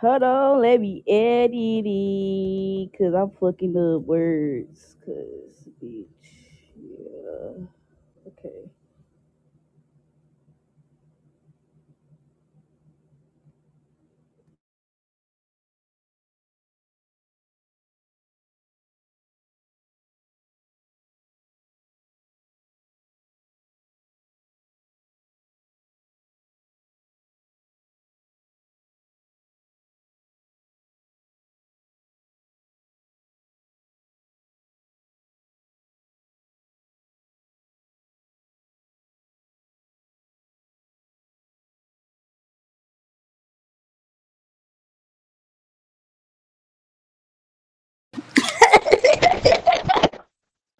Hold on, let me edit it, cause I'm fucking up words, cause bitch, yeah. Okay.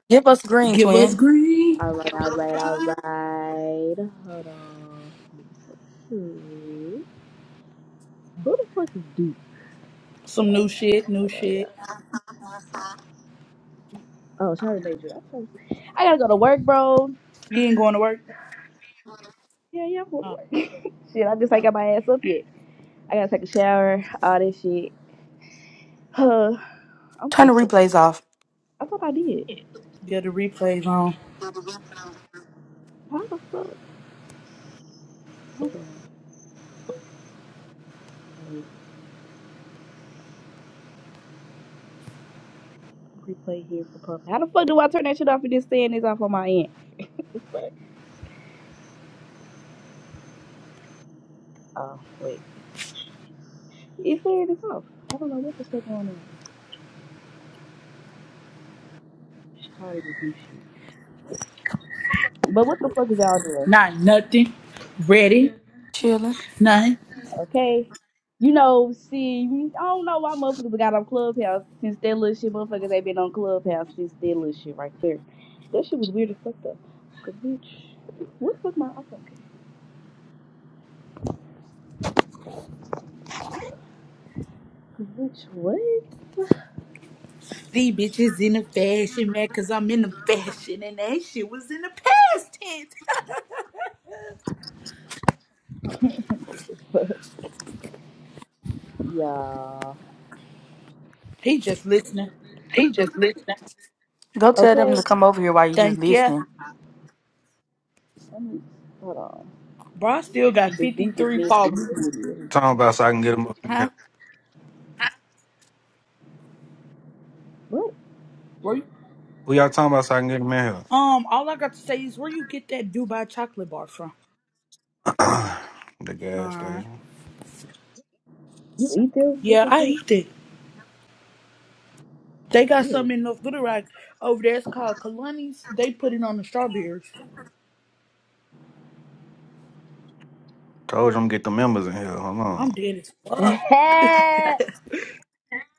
Give us green, Give us twin. All green. right, all right, all right. Hold on. Hmm. Who the fuck is Duke? Some new shit, new Hold on, yeah. shit. Oh, shout out to Major. I'm so- I gotta go to work, bro. You ain't going to work? Yeah, yeah, I'm going to Uh, work. shit, I just ain't got my ass up yet. I gotta take a shower, all that shit. Huh. I'm Turn so the sick. replays off. I thought I did. get the replays on. How the fuck? Hold on. Wait. Replay here for Puff. How the fuck do I turn that shit off and just saying this off on my end? But uh, wait, it's saying it's off. I don't know what the fuck going on. I'm tired of this new shit. But what the fuck is y'all doing? Not nothing. Ready? Chillin'. Nothing. Okay. You know, see, I don't know why motherfuckers got on Clubhouse since that little shit. Motherfuckers ain't been on Clubhouse since that little shit right there. That shit was weird as fuck though. Cause bitch, what the fuck my iPhone? Cause bitch, what? These bitches in the fashion, man, because I'm in the fashion and that shit was in the past tense. yeah. He just listening. Go tell Okay. them to come over here while you just Thank ya. listening. Let me hold on. Bro, I still got Dude, dude just 53 missed followers. it. Talking about so I can get him up in Huh? here. What? Where you? Who y'all talking about so I can get him in here? Um, all I got to say is where you get that Dubai chocolate bar from? the gas Alright. station. You eat them? What Yeah, the I fuck? eat that. They got Ew. something in North Little Rock over there. It's called Kalani's. They put it on the strawberries. Told you I'm get the members in here. Hold on. I'm dead as fuck.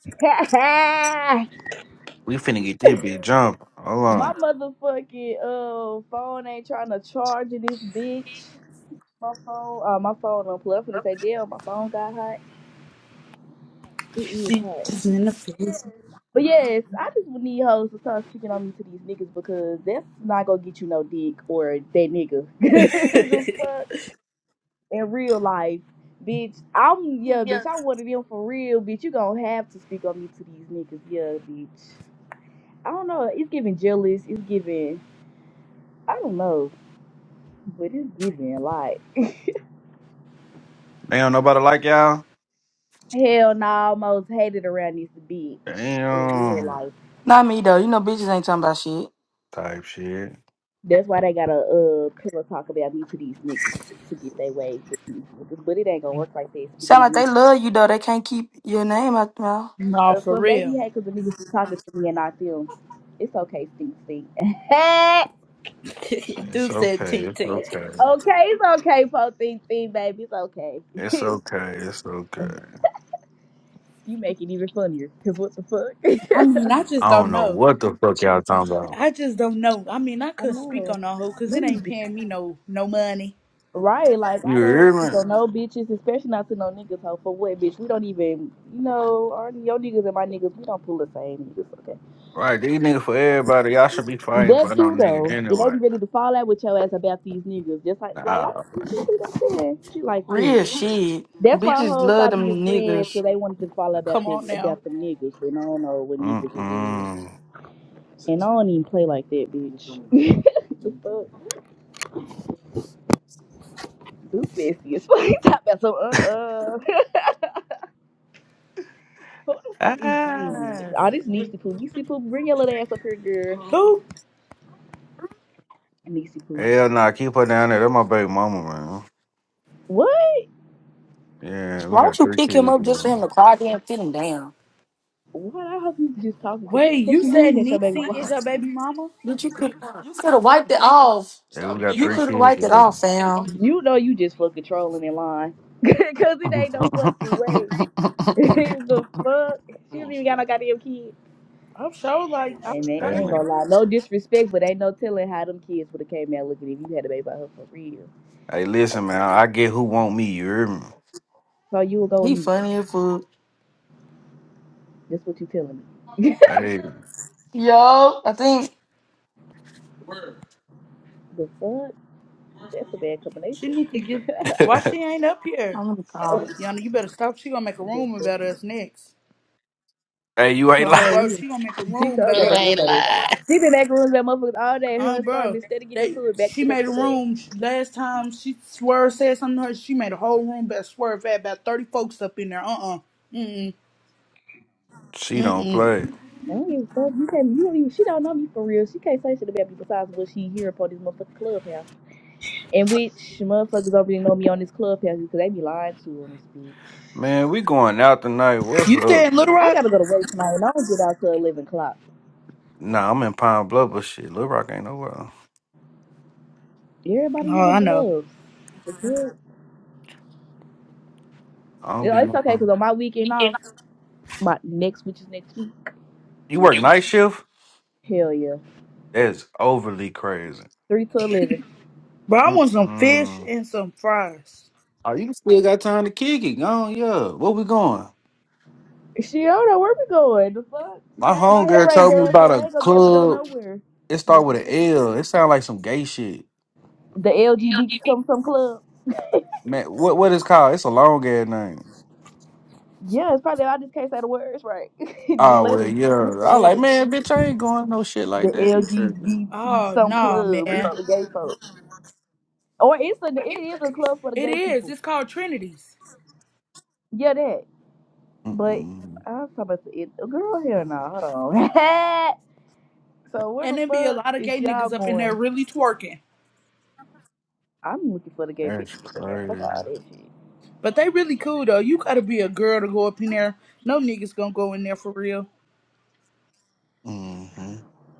We finna get this bitch jump. Hold My on. motherfucking uh phone ain't trying to charge in this bitch. My phone, uh, my phone on plug for to say damn, my phone got hot. It is She hot. Just in the freezer. But yes, I just need hoes to start speaking on me to these niggas because that's not gonna get you no dick or that nigga. the fuck in real life, bitch. I'm yeah, Yeah. bitch. I'm one of them for real, bitch. You gonna have to speak on me to these niggas, yeah, bitch. I don't know. It's giving jealous. It's giving. I don't know, but it's giving like They don't nobody like y'all? hell. No, I almost hated around this bitch in real Damn. life. Not me though. You know bitches ain't talking about shit. Type shit. That's why they gotta uh pillow talk about me to these niggas to get their way. with these niggas. But it ain't gonna work like that. Sound Speaking on like me, they love you though. They can't keep your name out their mouth. no, uh, for some they be real. hate 'cause the niggas be talking to me and not them. It's okay, Stink Stink. okay, It's Dude said okay. tink It's tink. okay. it's okay, Po Stink Stink, baby. It's okay. It's okay. It's okay. you make it even funnier. Cause what the fuck? I mean, I just I don't don't know know. what the fuck y'all talking about. I just don't know. I mean, I I couldn't speak know. on that hoe because Let it me. ain't paying me no no money. Right, like You I hear don't me? so no bitches, especially not to no niggas hoe for what bitch. We don't even you know, or your niggas and my niggas, we don't pull the same niggas, okay. Right, these niggas for everybody. Y'all should be fighting That for no too though. nigga And they anyway. be ready to fall out with your ass about these niggas. Just like like I'm Nah. you see what I'm saying? Shit like Real that. shit. That's why Bitches hoes love stop them being friends niggas. because they wanted to fall out about Come that on now. about them niggas and I don't know what niggas is real. Mm-mm. And I don't even play like that, bitch. the fuck? Too messy as fuck. Talk about some uh uh Who the fuck is Ah. this? Oh, this Niecy Poo. Niecy Poo, bring your little ass up here, girl. Who? Niecy Poo. Hell nah, keep her down there. That's my baby mama, What? man. Yeah, we Why don't got you three pick him kids up just for him together. to cry there and sit him down? What? I hope you just talking, because what the Wait, fuck you you said mean that your baby Niecy mama? is your baby mama? Bitch, you could you could have wiped it off. Yeah, Stop we got You three could have kids wiped it together. off, fam. You know you just fucking trolling in line. Because it ain't no fucking way. the fuck? She don't even got no goddamn kid. I'm sure. Like, I'm And they hey sure. ain't gonna man. lie. No disrespect, but ain't no telling how them kids would have came out looking if you had a baby by her for real. Hey, listen, Like, man. I get who want me, you hear me? so you will go with He Niecy. funny as fuck. That's what you telling me. Hey. Yo, I think The fuck? That's a bad She combination. need to get. Why she ain't up here? I'm gonna call. Yana, you better stop. She gonna make a room about us next. hey, you She ain't Um, lying. showed bro, you. she gonna make a She room showed about go back us. rooms about this. She been back rooms about motherfuckers all day. Her Um, and Star bro, been steady getting they to it back she to back made to a back. room last time. She swerve said something to her. She made a whole room about swerve had about thirty folks up in there. Uh uh-uh. uh. She mm don't mm. play. I don't give a fuck. You can't. You don't even. She don't know me for real. She can't say shit about me besides what she hear for this motherfucking clubhouse. And which motherfuckers don't really know me on this clubhouse because they be lying to on this bitch. Man, we going out tonight. What's You stay up, in Little man? I Rock? gotta go to work tonight and I don't get out till eleven o'clock. Nah, I'm in Pine Bluff, but shit, Little Rock ain't nowhere. Everybody in Oh, the I know. bluffs. The good- I don't You know, be it's okay because knowing. on my weekend off, my next which is next week. You work Yeah. night shift? Hell yeah. That's overly crazy. Three to eleven. Bro, I want some fish Mm-mm. and some fries. Oh, you still got time to kick it. Go on, yeah. Where we going? She don't know where we going. The fuck? She My ain't my hair homegirl right told me done, so about I a ain't gonna be able to go club. nowhere. It start The, with an L. It sound like some gay shit. the LGB come from club. Man, what what is called? It's a long ass name. Yeah, it's probably I just can't say the words right. the Oh well, letters. yeah. It's the I like, letters. man, bitch, I ain't going no shit The like that. You tripping? LGBT Oh some no, club. It's man. for the gay folks. Or it's a it is a club for the It gay is. people. It's called Trinity's, Yeah, that. But Mm-mm. I was talking about the it. Girl, hell no. Hold on. so where and the there be a fuck lot of is gay y'all niggas up in there going? really twerking. I'm looking for the gay That's bitches up in there. Fuck all crazy. that shit. But they really cool though. You gotta be a girl to go up in there. No niggas gonna go in there for real. Mm-hmm.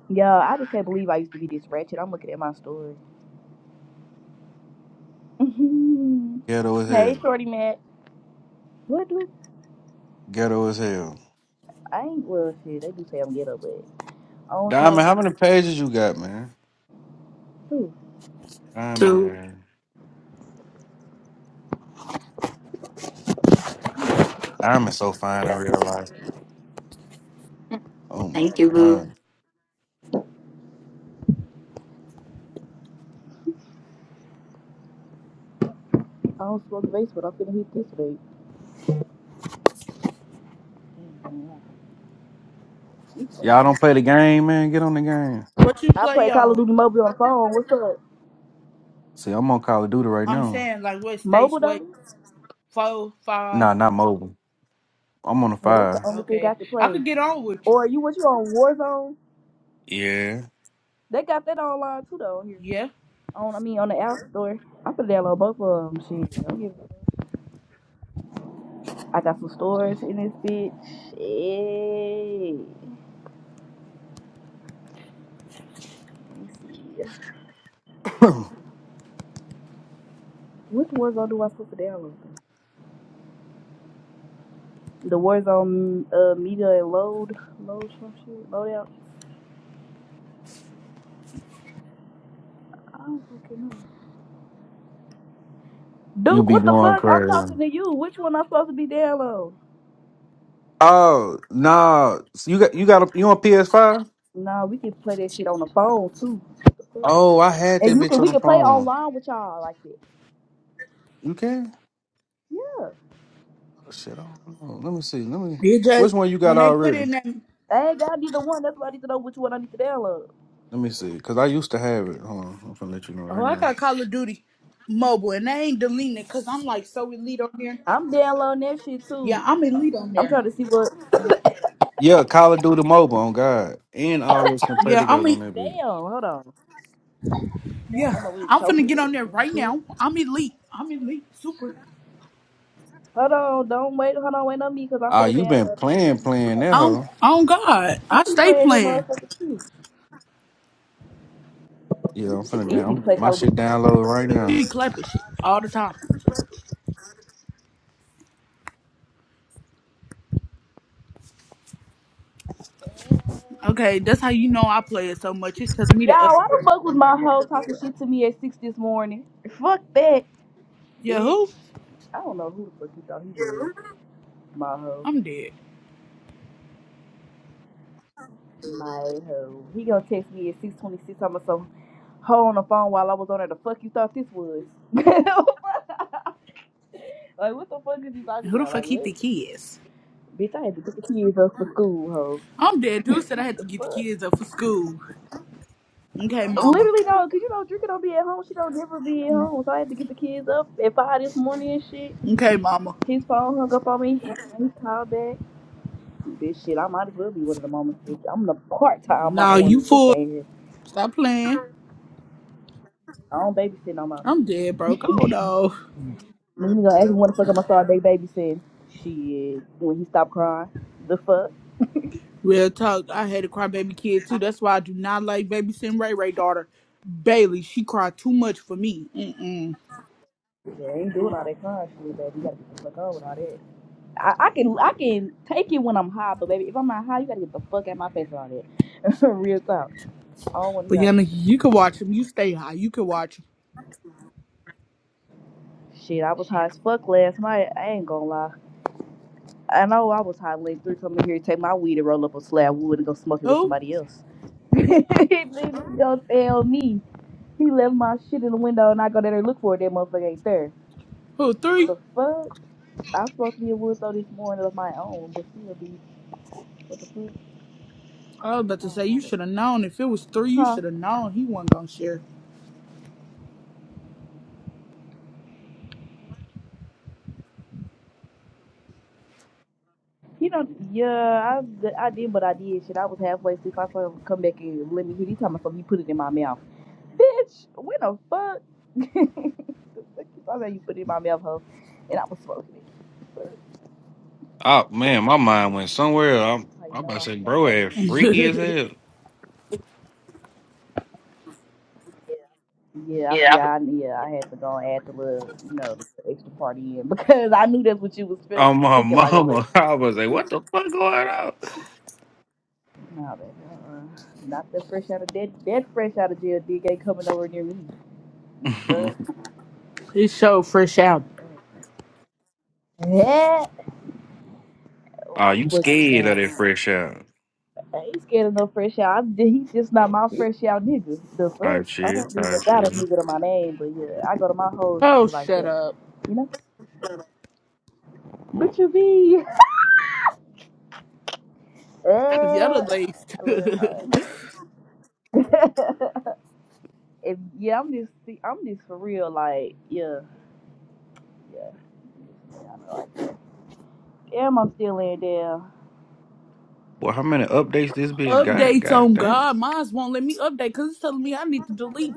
Yeah, I just can't believe I used to be this wretched. I'm looking at my story. Mhm. Ghetto as hey, hell. Shorty Mac. What do? Ghetto as hell. I ain't, well, shit, they do say I'm ghetto, but I don't try Diamond, to how many be. pages you got, man? Ooh, Diamond, Two. man. Diamond's so fine in real life. Oh my Thank you, boo. god. I don't smoke base, but I'm finna hit this vape. Y'all don't play the game, man. Get on the game. What you I play play Call of on? Duty Mobile on the phone. What's up? See, I'm on Call of Duty right I'm now. saying like what stage Mobile, weight? though? Four, five. Nah, not mobile. I'm on the Well, that's the fire. only thing I Okay. can I play. could get on with you. Or you, what you on Warzone? Yeah. They got that online, too, though, on here. Yeah. On, I mean, on the App Store. I'm finna download both of them. Shit, don't give I got some storage in this bitch. Hey. Let me see. Which Warzone do I supposed to download? The Warzone uh, media and load, load some shit, load out. I don't fucking know. you Duke, be what the going fuck? I'm talking crazy. to you. Which one I'm supposed to be download? Oh nah. So you got you got a, you on PS5? Nah, we can play that shit on the phone too, Oh, I had and that you bitch can on we the can play phone. online with y'all like that. You can? Oh, shit, I don't know. Let me see. Let me. It just Which one you when got they put already? in that I ain't got to be the one. That's why I need to know which one I need to download. Let me see. Cause I used to have it. Hold on. I'm gonna let you know oh right I now. got Call of Duty mobile and they ain't deleting it because I'm like so elite on there. I'm downloading that shit Yeah, too. I'm elite on I'm there. trying to see what. Yeah, Call of Duty Mobile on God, and all us can play Yeah, I'm together on e- that bitch. Damn, hold on. yeah. I'm over here I'm finna choking get on there and right shit. now. I'm elite. I'm elite. Super. Hold on, don't wait. Hold on, wait on me because I'm Ah, finna you been download this. playing, playing that On hoe. oh God. I I be stay playing that playing. motherfucker too. Yeah, I'm It's finna easy to down. play My Call of Duty. shit download right now. She clapping shit all the time. Okay, that's how you know I play it so much. It's telling me to update. Y'all, why the fuck was my hoe talking shit to me at 6 this morning? Fuck that, Yeah, who? bitch. I don't know who the fuck he thought he was. My hoe. I'm dead. My hoe. He gonna text me at 626. I'm gonna so hoe on the phone while I was on there. The fuck you thought this was? like, what the fuck is you And talking who the about? fuck Like, he what? think he is? Bitch, I had to get the kids up for school, hoe. I'm dead. Dude said I had to The get the fuck? kids up for school. Okay, mama. Literally though, cause you know Drinker don't be at home. She don't never be at home, so I had to get the kids up at five this morning and shit. Okay, mama. His phone hung up on me. He called back. Bitch, shit, I might as well be one of the moments. Bitch, I'm the part time mama Nah, you woman too. fool. Thing here, Stop playing. I don't babysit no more. I'm dead, bro. Go though. Then he gonna ask me when the fuck I'm gonna start day babysitting. Shit, when he stopped crying, the fuck. Real talk. I had a crybaby kid too. That's why I do not like babysitting Ray Ray daughter. Bailey, she cried too much for me. Mm-mm. Yeah, I ain't doing all that crying shit, baby. You gotta get the fuck on with all that. I, I can I can take it when I'm high, but baby, if I'm not high, you gotta get the fuck out my face and all that. Real talk. I don't want to But hear all that Yana, shit. you can watch him. You stay high. You can watch him. Shit, I was high as fuck last night. I ain't gonna lie. I know I was high late three coming here to take my weed and roll up a slab of wood and go smoke it with Who? somebody else. Nigga Don't tell me. He left my shit in the window and I go down there and look for it. That motherfucker ain't there. Who? Three? The fuck? I was supposed to be in Woodstow this morning of my own, but still, bitch. What the fuck? I was about to say I you don't know. should have known. If it was three, you Huh? should have known he wasn't gonna share. You know, yeah, I, I did, but I did shit. I was halfway asleep. I saw him come back and let me hit. He talking about something. He put it in my mouth. Bitch, when the fuck? Like, I know you put it in my mouth, hoe, and I was smoking it. Oh man, my mind went somewhere. I'm, how you I'm about know to say, I bro, smoked too as it freaky as hell. Yeah, I, yeah, I, yeah. I had to go and add the little, you know, the extra party in because I knew that's what you was feel, Oh my thinking like over there. mama, I was like, what the fuck going No, baby, uh-uh. not that fresh out of dead, dead fresh out of jail. Dig ain't coming over near me. But on? showed fresh out. uh-uh. yeah, oh, I Are you fucked scared of up. that fresh out I ain't scared of no fresh out. I'm, he's just not my fresh out nigga. The fuck? type I don't shit? Type even got a shit. nigga to my name, but yeah, I go to my hoes and Oh, shit like shut that. up. You know? But you be The other uh, ladies. a little hoe. and yeah, I'm just see, I'm just for real, like, yeah, yeah. yeah, I know. like, Damn, I'm still laying down. Well, how many updates this bitch got? Updates God on damn, God. Mine won't let me update because it's telling me I need to delete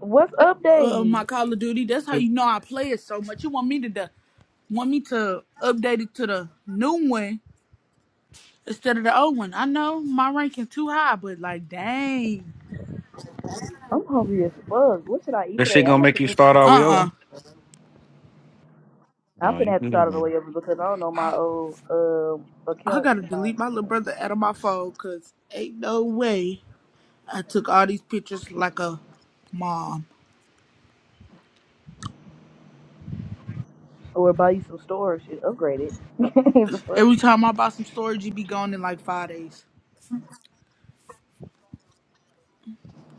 What's up, uh, Dane? my Call of Duty. That's how that you know I play it so much. You want me to de- want me to update it to the new one instead of the old one. I know my ranking too high, but like, dang. I'm hungry as fuck. What should I eat today? shit I gonna want make to you make start all the way something. Uh over? uh I'm Oh, you finna have to good, start on the way man. over because I don't know my old um I account gotta to delete my little my. brother out of my phone because ain't no way. I took all these pictures like a mom. or buy you some storage shit, upgrade it. the fuck? Every time I buy some storage, it be gone in like five days.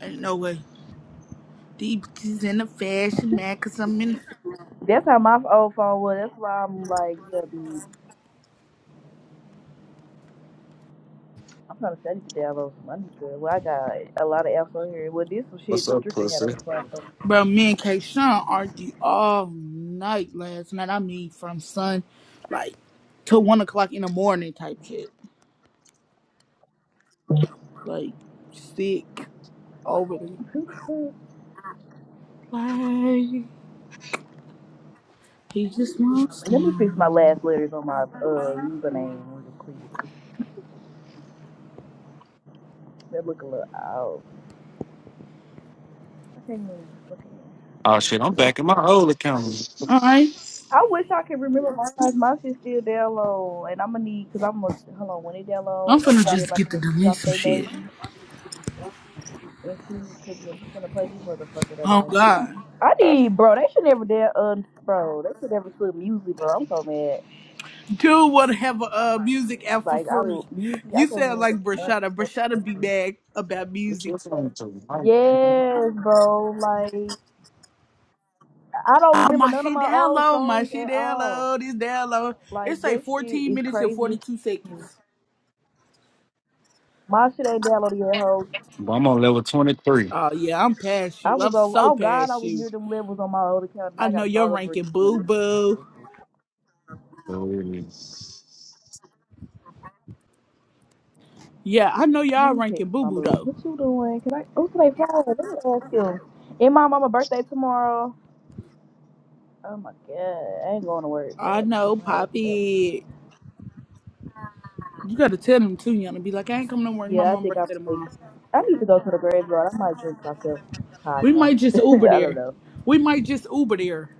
Ain't no way. These bitches in the fashion, man, cause I'm in. That's how my old phone was. That's why I'm like, yeah, be, I'm trying to study to download some money good. Well, I got a lot of apps on here. Well, this some shit What's up, Drinker had on pussy? the phone. Bro, me and K. Sean argued all night last night. I mean, from sun, like, till one o'clock in the morning type shit. Like, sick, overly. So. Like, he just wants Let me fix my down. last letters on my uh user name real quick. That look a little out. I can't even fucking. Oh I shit, I'm wanted to. back in my old account. Alright, I wish I could remember mine. My shit still download, and I'm gonna need because I'm gonna hold on when it I'm download. I finna need just everybody get to to delete drop some their shit. name. And she's cooking She's gonna play this motherfucker Oh, today. God. I need, bro. They should never dare, um, bro. They should never put music, bro. I'm so mad. Dude want to have a uh, music app for Like I free. music, I You can't even sound like remember none Brashada. of the Brashada be motherfuckers. mad about What's music. your phone to? Mike? Yes, bro. Like I don't Oh, remember my none of shit my down old low. My songs shit at down all. low. This down low. Like It's like that shit 14 is minutes and crazy. as 42 fuck. seconds. My shit ain't downloaded yet, ho. But I'm on level twenty three. Oh, yeah. I'm past I you. was I'm on. so Oh God, I past was you. near them levels on my old account, and I I know gotta you're start over ranking boo again. boo. So it is. Yeah, I know Let y'all me ranking text boo my boo, boo. though. What you doing? Can I? Oh, today Friday. Let me ask you. And my mama birthday tomorrow. Oh my god, I ain't going to work. They I have to kiss know, my ass for that one. Poppy. You got to tell them, too, Yana. Be like, I ain't coming to work. My Yeah, I mom think I birthday might. tomorrow. I need to go to the graveyard. I might drink myself. Cry, We cry. might just Uber I don't there. know. We might just Uber there.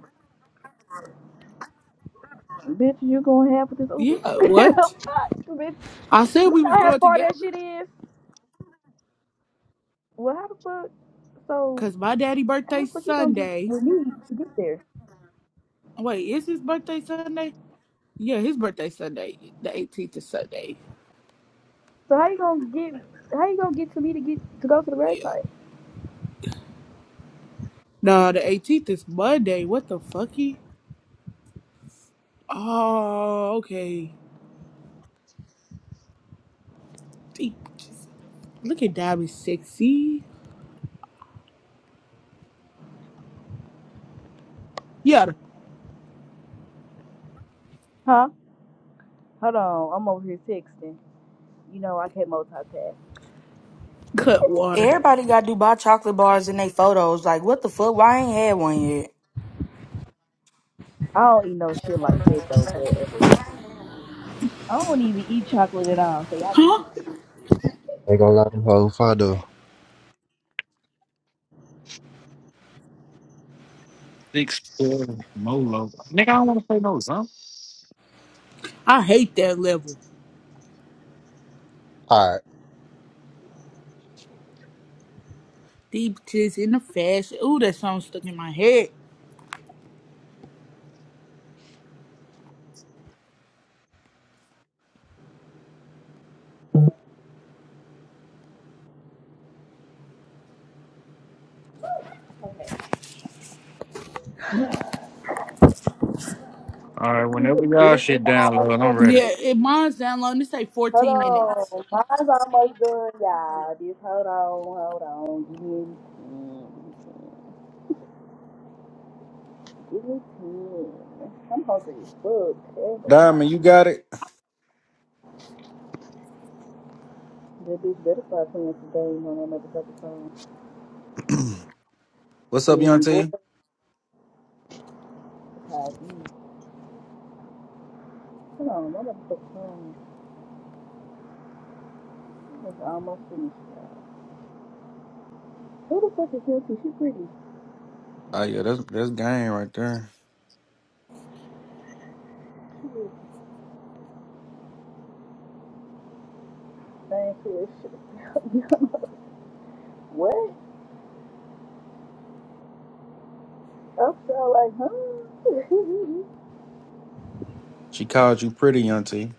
Bitch, you gonna have with this Uber? Yeah, what? fuck, bitch. I said You we know was how going far that together shit is? Well, how the fuck? So, because my daddy how birthday the fuck you gonna get Sunday. with me to get there? Wait, is his birthday Sunday? Yeah, his birthday Sunday. The 18th is Sunday. So how you gonna get? How you gonna get to me to get to go to the Yeah. gravesite? No, the 18th is Monday. What the fucky? Oh, okay. Deep. Just look at Diamond Sexy. Yeah, the Huh? Hold on, I'm over here texting. You know I can't multitask. cut water. Everybody got Dubai chocolate bars in their photos. Like, what the fuck? Why I ain't had one yet? I don't eat no shit like that though, but uh, I don't even eat chocolate at all. So y'all be Huh? stupid. They gonna let whole father. Six four Molo. Nigga, I don't want to play no huh? I hate that level. All right. Deep just in the fashion. Ooh, that song stuck in my head. All right, You whenever the y'all big shit bad download, I'm woman. ready. Yeah, it mine's down low. and It's like Hold 14 minutes. on, mine's almost done, y'all. Just hold on, hold on. Give me ten. Give me ten. I'm hungry as fuck. Terrible. Diamond, you got it. That bitch better start playing some games on that motherfucking phone. What's See up, Young when you bored, T? that's how it be. Hold on, my motherfucking phone. It's almost finished. y'all. Who the fuck is Nancy? She pretty. Oh yeah, that's that's game right there. Same to shit. What? Upside like, huh? She called you pretty, Young T.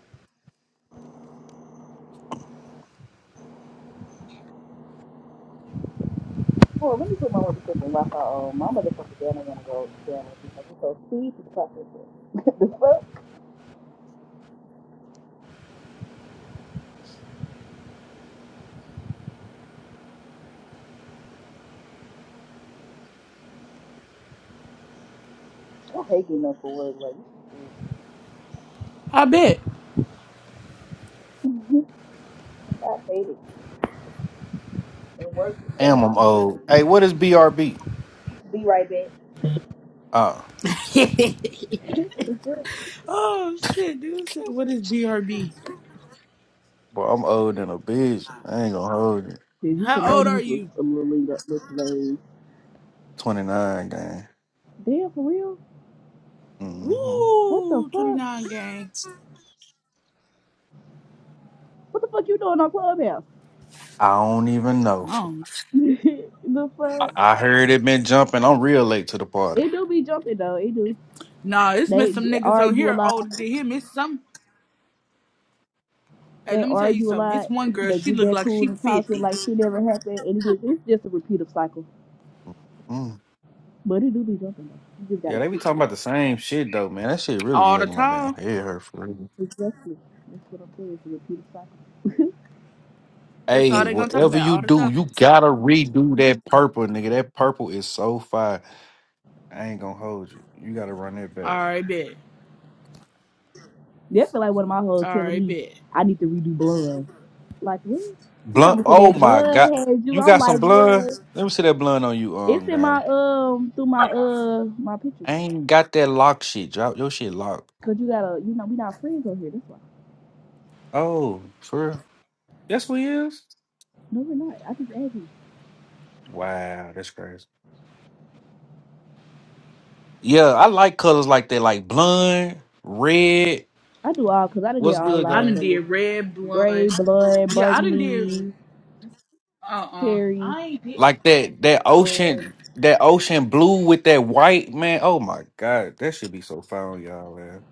Hold on, let me put my motherfucking rock out on. My motherfucking banner wanna go down with me. It's so speed to the process the fuck? I hate getting up for work, like, I bet. I hate it. And work is the Damn, I'm hell of old. Hey, a- what is BRB? Be right back. Ah, Dude, Oh shit, dude said, "What is BRB? boy, I'm old than a bitch. I ain't gonna hold it. you should How know old are these was you?" a little linked up with today. Twenty nine, gang. Damn, for real? hmm What the Woo, twenty fuck? nine, gang. What the fuck you doing on Clubhouse? I don't even know. Oh, the I, fuck? I heard it been jumping. I'm real late to the party. It do be jumping though. It do. nah, it's been They some get- niggas on argue a here lot. older than him. It's some. Hey, They let me tell you argue a something. It's lot. one girl. They She get look back like cool she and talk it fifty like shit never happened. And it's just, it's just a repeative cycle. Mm. But it do be jumping though. You just Yeah, gotta they be kick talking it. about Like the same shit though, man. That shit really be all the making my damn time. head hurt for real. it's wrestling. That's what I'm saying. It's a repeative cycle. That's all Hey, they And gonna talk whatever about you all the do, time. you gotta redo that purple, nigga. That purple is so fire. I ain't gonna hold you. You gotta run that All back. right, bet. That's like one of my hoes All telling right, me bet. I need to redo blood. Like what? He talking Blunt. about Oh that my god, blood had you. you I'm got some like blood? what? Let me see that blood on you, It's um, in my man. um through my uh my pictures. I ain't got that lock shit. Drop your shit locked. Cause you gotta you know we not friends over here. That's why. Oh, for real? That's what he is. No, we're not. I just add you. Wow, that's crazy. Yeah, I like colors like that, like blonde, red. I do all, cause I done did What's all a good, I lot of done gang? did colors: red gray, blonde. blood, Yeah, I done did. burgundy. Uh uh Cherry. I ain't did. Like that, that Or, ocean, that ocean blue with that white, man. Oh my god, that should be so fire on y'all, man.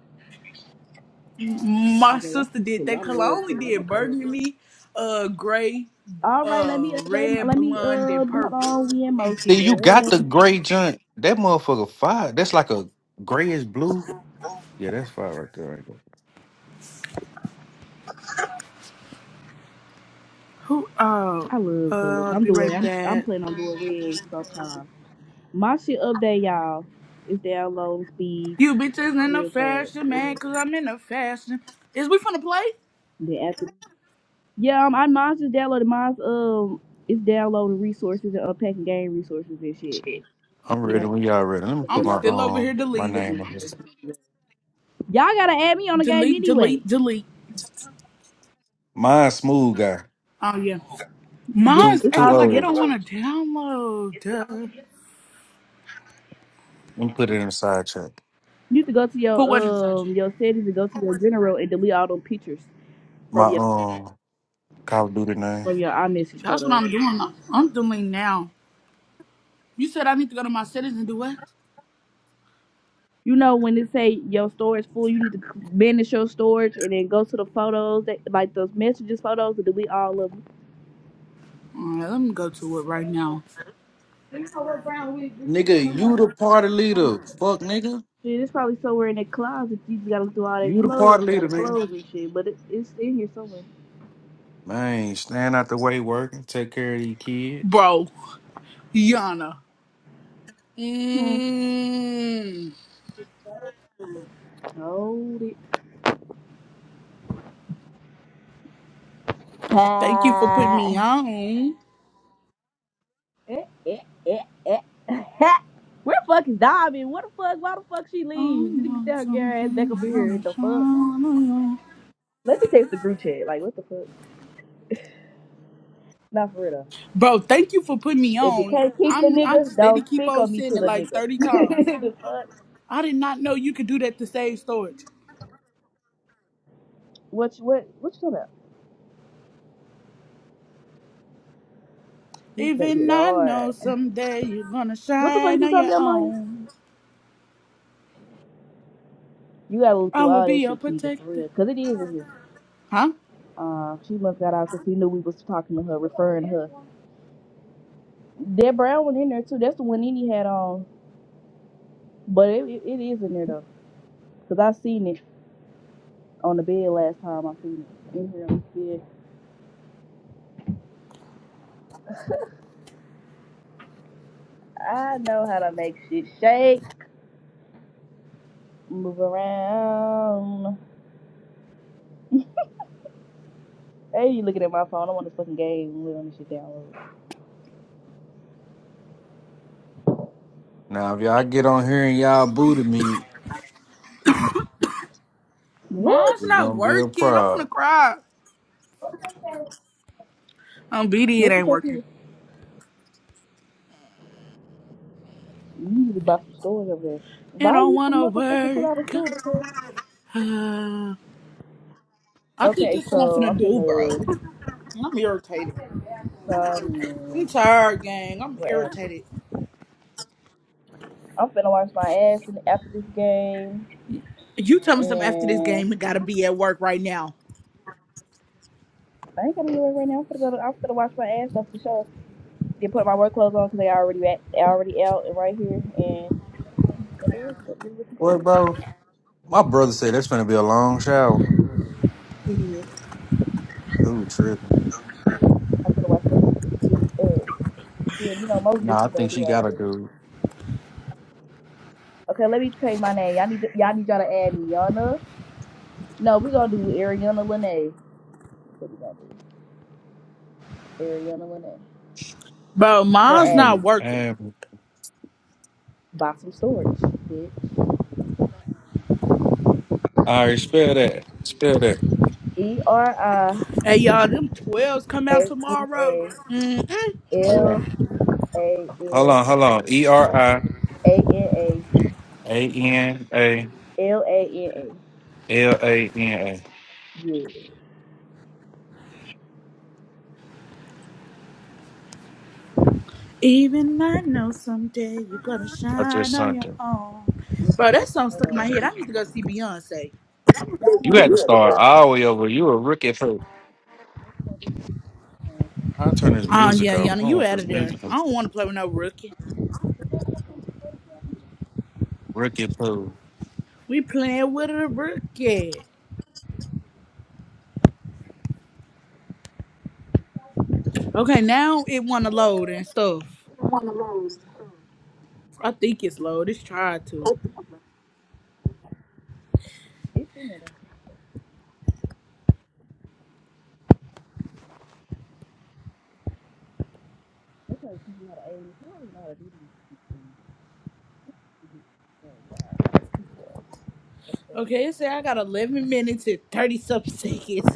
My oh, baby, I sister keep did that cool. I'm because I only cool. I'm a did cool girl. burgundy, uh, gray, All right, let uh, me update. red, Let me blonde, uh, and hold purple, on. We in and See, pink. you got the motion. gray junk. That motherfucker fire. That's like a grayish blue. Yeah, that's fire right there. I ain't gonna- Who? Uh, I love colors. uh, I'm be doing. right I'm I'm back. planning on doing red sometime. My shit update, y'all, is download speed You bitches in the real fast. fashion, Yeah. man, cause I'm in the fashion. Is we finna play? Then after, yeah, um, I mine's just downloaded. Mine's um, it's downloading resources and unpacking game resources and shit. I'm You ready know, when y'all ready. Let me the put I'm little my old- still the- over here um my deleting. name on this. the- Y'all gotta add me on the game Delete, anyway. delete, delete. Mine smooth guy. Oh, yeah. Just Two Mine's it's two all acting like it together don't O's. want to download. Duh. Let me put it in the side check. You used to go to your Put what inside you? um your settings and go to your general and delete all them pictures My from your um Call of Duty name. from your iMessage That's what photos. I'm doing. now. I'm deleting now. You said I need to go to my settings and do what? You know when it say your storage full, you need to manage your storage and then go to the photos that like those messages photos and delete all of them. Alright, let me go to it right now. Nigga, you the party leader. Fuck, nigga. Shit, it's probably somewhere in that closet. You just gotta look through all that You the party clothes and all leader, the nigga. clothes and shit, but it, it's in here somewhere. Man, stand out the way working. Take care of your kid. Bro, Yana. Hmm. Mm, Hold it. thank you for putting me Ah. on. Eh, eh, eh, eh. Where the fuck is Diamond? What the fuck? Why the fuck she I leaves? You need to know tell her get her ass back up something in here. gonna The shine fuck? on. you. Let me text the group chat. Like, what the fuck? Not for real though. Bro, thank you for putting me If you on. can't keep the I'm I nigga, steady don't keep speak on on me saying to it the like nigga. 30 times. the fuck? I did not know you could do that to save storage. What you, what, what you talking about? This Even baby I know hard. someday you're gonna What the fuck shine you on talking your about, Maya? own. You gotta look I through will all be that your shit, Keisha, for protector. real. Cause it is in here. Huh? Uh, she must got out because she knew we was talking to her, referring to her. That brown one in there too. That's the one Nene had on. But it, it, it is in there though, cause I seen it on the bed last time. I seen it in here on the bed. I know how to make shit shake, move around. Hey, you looking at my phone? I want this fucking game. I'm letting this shit download. Now, if y'all get on here and y'all booty me, What? Mine's it's not gonna be a working. I'm gonna problem. cry. Um, BD, it What you ain't say, working. Keisha? You need to buy some storage over there. I Buy don't you some wanna motherfucking two work. dollar storage. girl. Uh, I think Okay, that's what I'm so finna I'm do, bro. finna. I'm irritated. I'm Um, tired, gang. I'm what else? irritated. I'm finna wash my ass in- after this game, You tell me something after this and game and gotta be at work right now. I ain't gotta do it right now. I'm finna go. To, I'm finna wash my ass after the show. They put my work clothes on because they already at, they already out and right here. And What, bro? My brother said that's gonna be a long shower. it is. Dude, tripping. I'm gonna watch that shit to get up. You know most Nah, I bitches think don't do she all got a this. dude. Okay, let me change my name. Y'all need to, y'all need y'all to add me. Yana. No, we gonna do Ariana Lene. What we gonna do? Ariana Lene. Bro, How Gonna mine's add me. you? not working. Um, Buy some storage, bitch. all right, spell that. Spell that. E R I Hey y'all, them twelves come out A N tomorrow. A Mm-mm. Hold L on. A Hold N on, hold on. E R I A N A A N A L A N A. L A N A. Yeah. Even I know someday you're gonna I shine just on sent your it. own. Bro, that song stuck in my head. I need to go see Beyonce. You had to start all the way over. You a rookie, Pooh. I turn this Oh music yeah, off. Yana, I don't you want out this of there. music. on. I don't wanna play with no rookie. Ricky Pooh. We playing with a rookie. Okay, now it wanna load and stuff. I think it's load. It's tried to. It's in there. That's why people got to age. You don't know how to do these things. You can Okay, it said I got 11 minutes and 30 something seconds.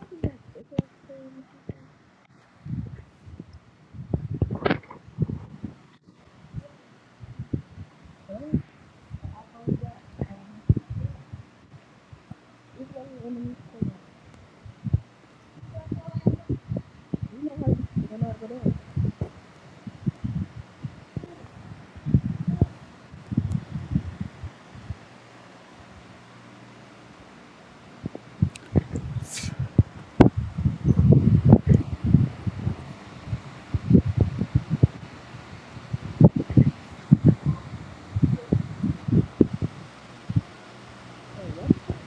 I do that? It's a Oh, I own that. Um, It's right here underneath the table. You know how to get You don't know how to go there. So what the fuck?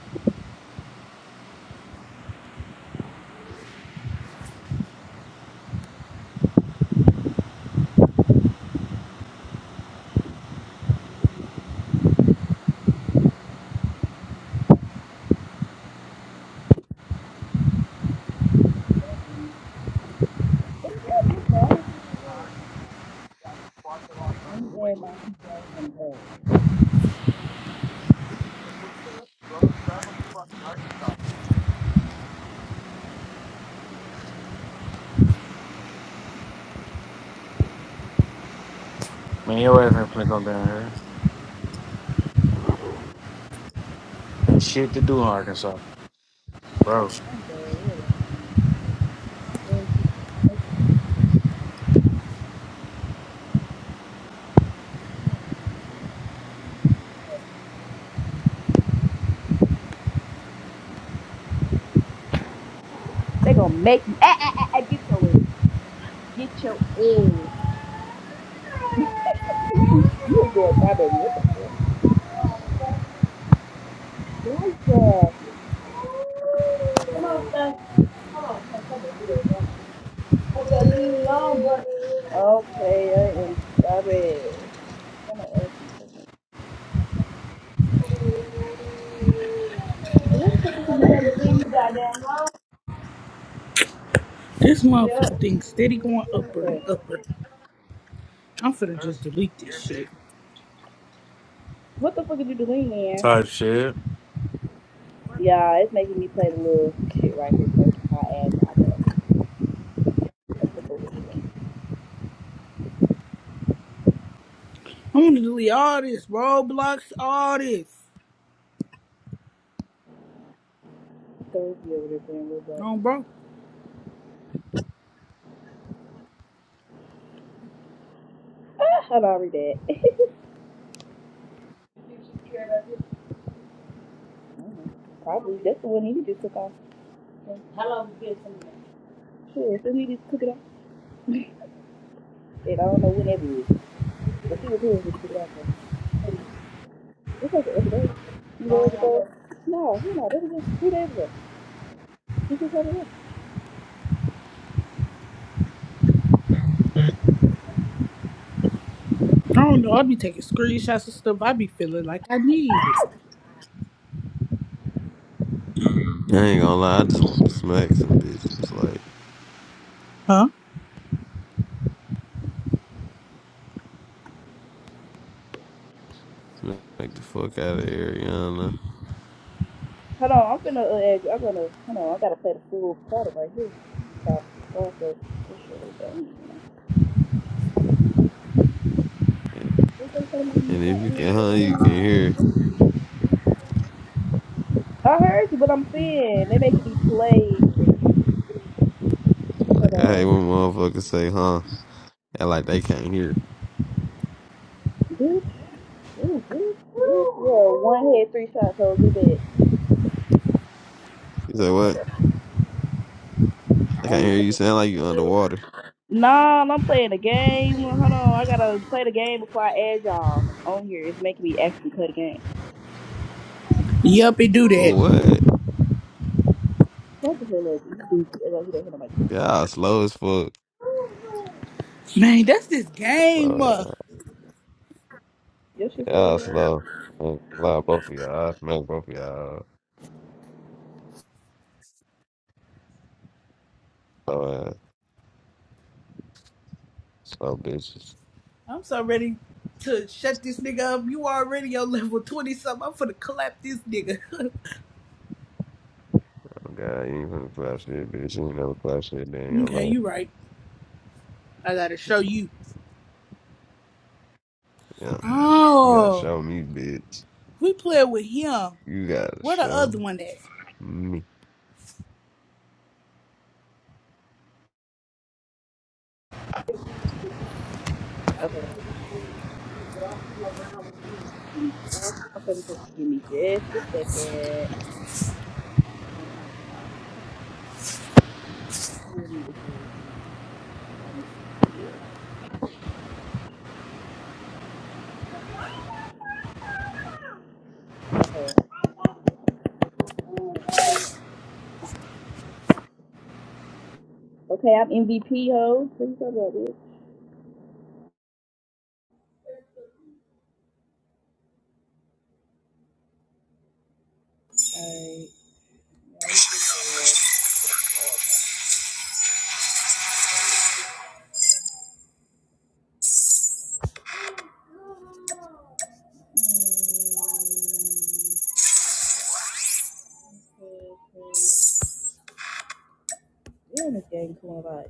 So Let me add my people on the bag. Man, your ass ain't finna come down here. Ain't shit to do in Arkansas, bro. That's the real one. They gonna make you. Ah, ah, ah, ah, get your egg. Get your egg. you a dead my baby. What the fuck? Nice, uh, Come on, son. Come on, come on, come on. Okay, I am sorry. What the fuck is you doing? this motherfucking thing steady going upper and upper. I'm finna just delete this shit. What the fuck are you doing there? Type shit. Yeah, it's making me play the little shit right here first before I add y'all back. That's the bullshit. I'm gonna delete all this Roblox, all this. Third year over there playing Roblox. No, bro. Ah, I already did. Mhm. Probably. That's the one he just took off. Shit, if this nigga took it off. And I don't know when that was. But she was here when she took it off. though. It's like the other day. Few days ago. No, no, that was just three days ago. She just had it up. I don't know. I be taking screenshots and stuff. I be feeling like I need it. I ain't gonna lie, I just want to smack some bitches, like Huh? smack the fuck out of Ariana. Hold on, I'm finna uh, add you. I'm gonna hold on. I gotta play the full product right here. So I'll go this shit done, you know. And and if you can, huh, you can hear. I heard you, but I'm saying they making me play for Like I hate when the motherfuckers say, "Huh," and like they can't hear. bitch. Ooh, bitch, Yeah, one head, three shots. So get You say what? I back. can't Um, hear you. Sound like you underwater. Nah, I'm playing the game. Hold on, I gotta play the game before I add y'all on here. It's making me actually play the game. Yup, it do that. What? That's the hell up. You stupid. I don't hear nobody talking. Y'all slow as fuck. Man, that's this game. Slow uh. Your ass. shit still Y'all ain't done. slow. I ain't gonna lie, both of y'all. I smack both of y'all. Slow ass. Slow bitches. I'm so ready to shut this nigga up. You already on level 20 something. I'm finna clap this nigga. Oh God, you ain't finna clap shit, bitch. You ain't never clap shit, damn your okay, life. you right. I gotta show you. Yeah, you gotta Oh, show me, bitch. we played with him. You gotta Where the show. other one at? Mm, Okay. Okay, just give me just a second. Okay. Okay, I'm MVP, ho. What you talking about, bitch? Alright. Mm, okay, okay. Damn, this game cool a lot.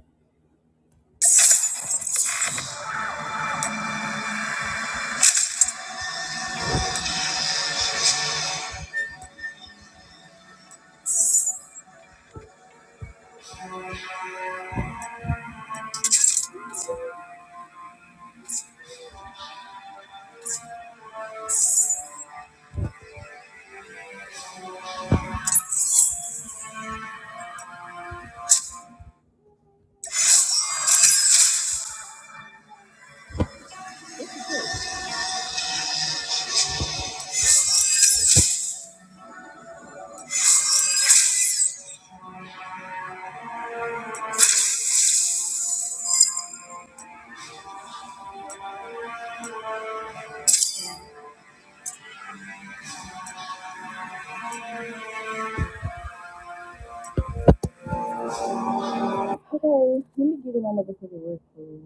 Okay, let me get in my motherfucking work, please.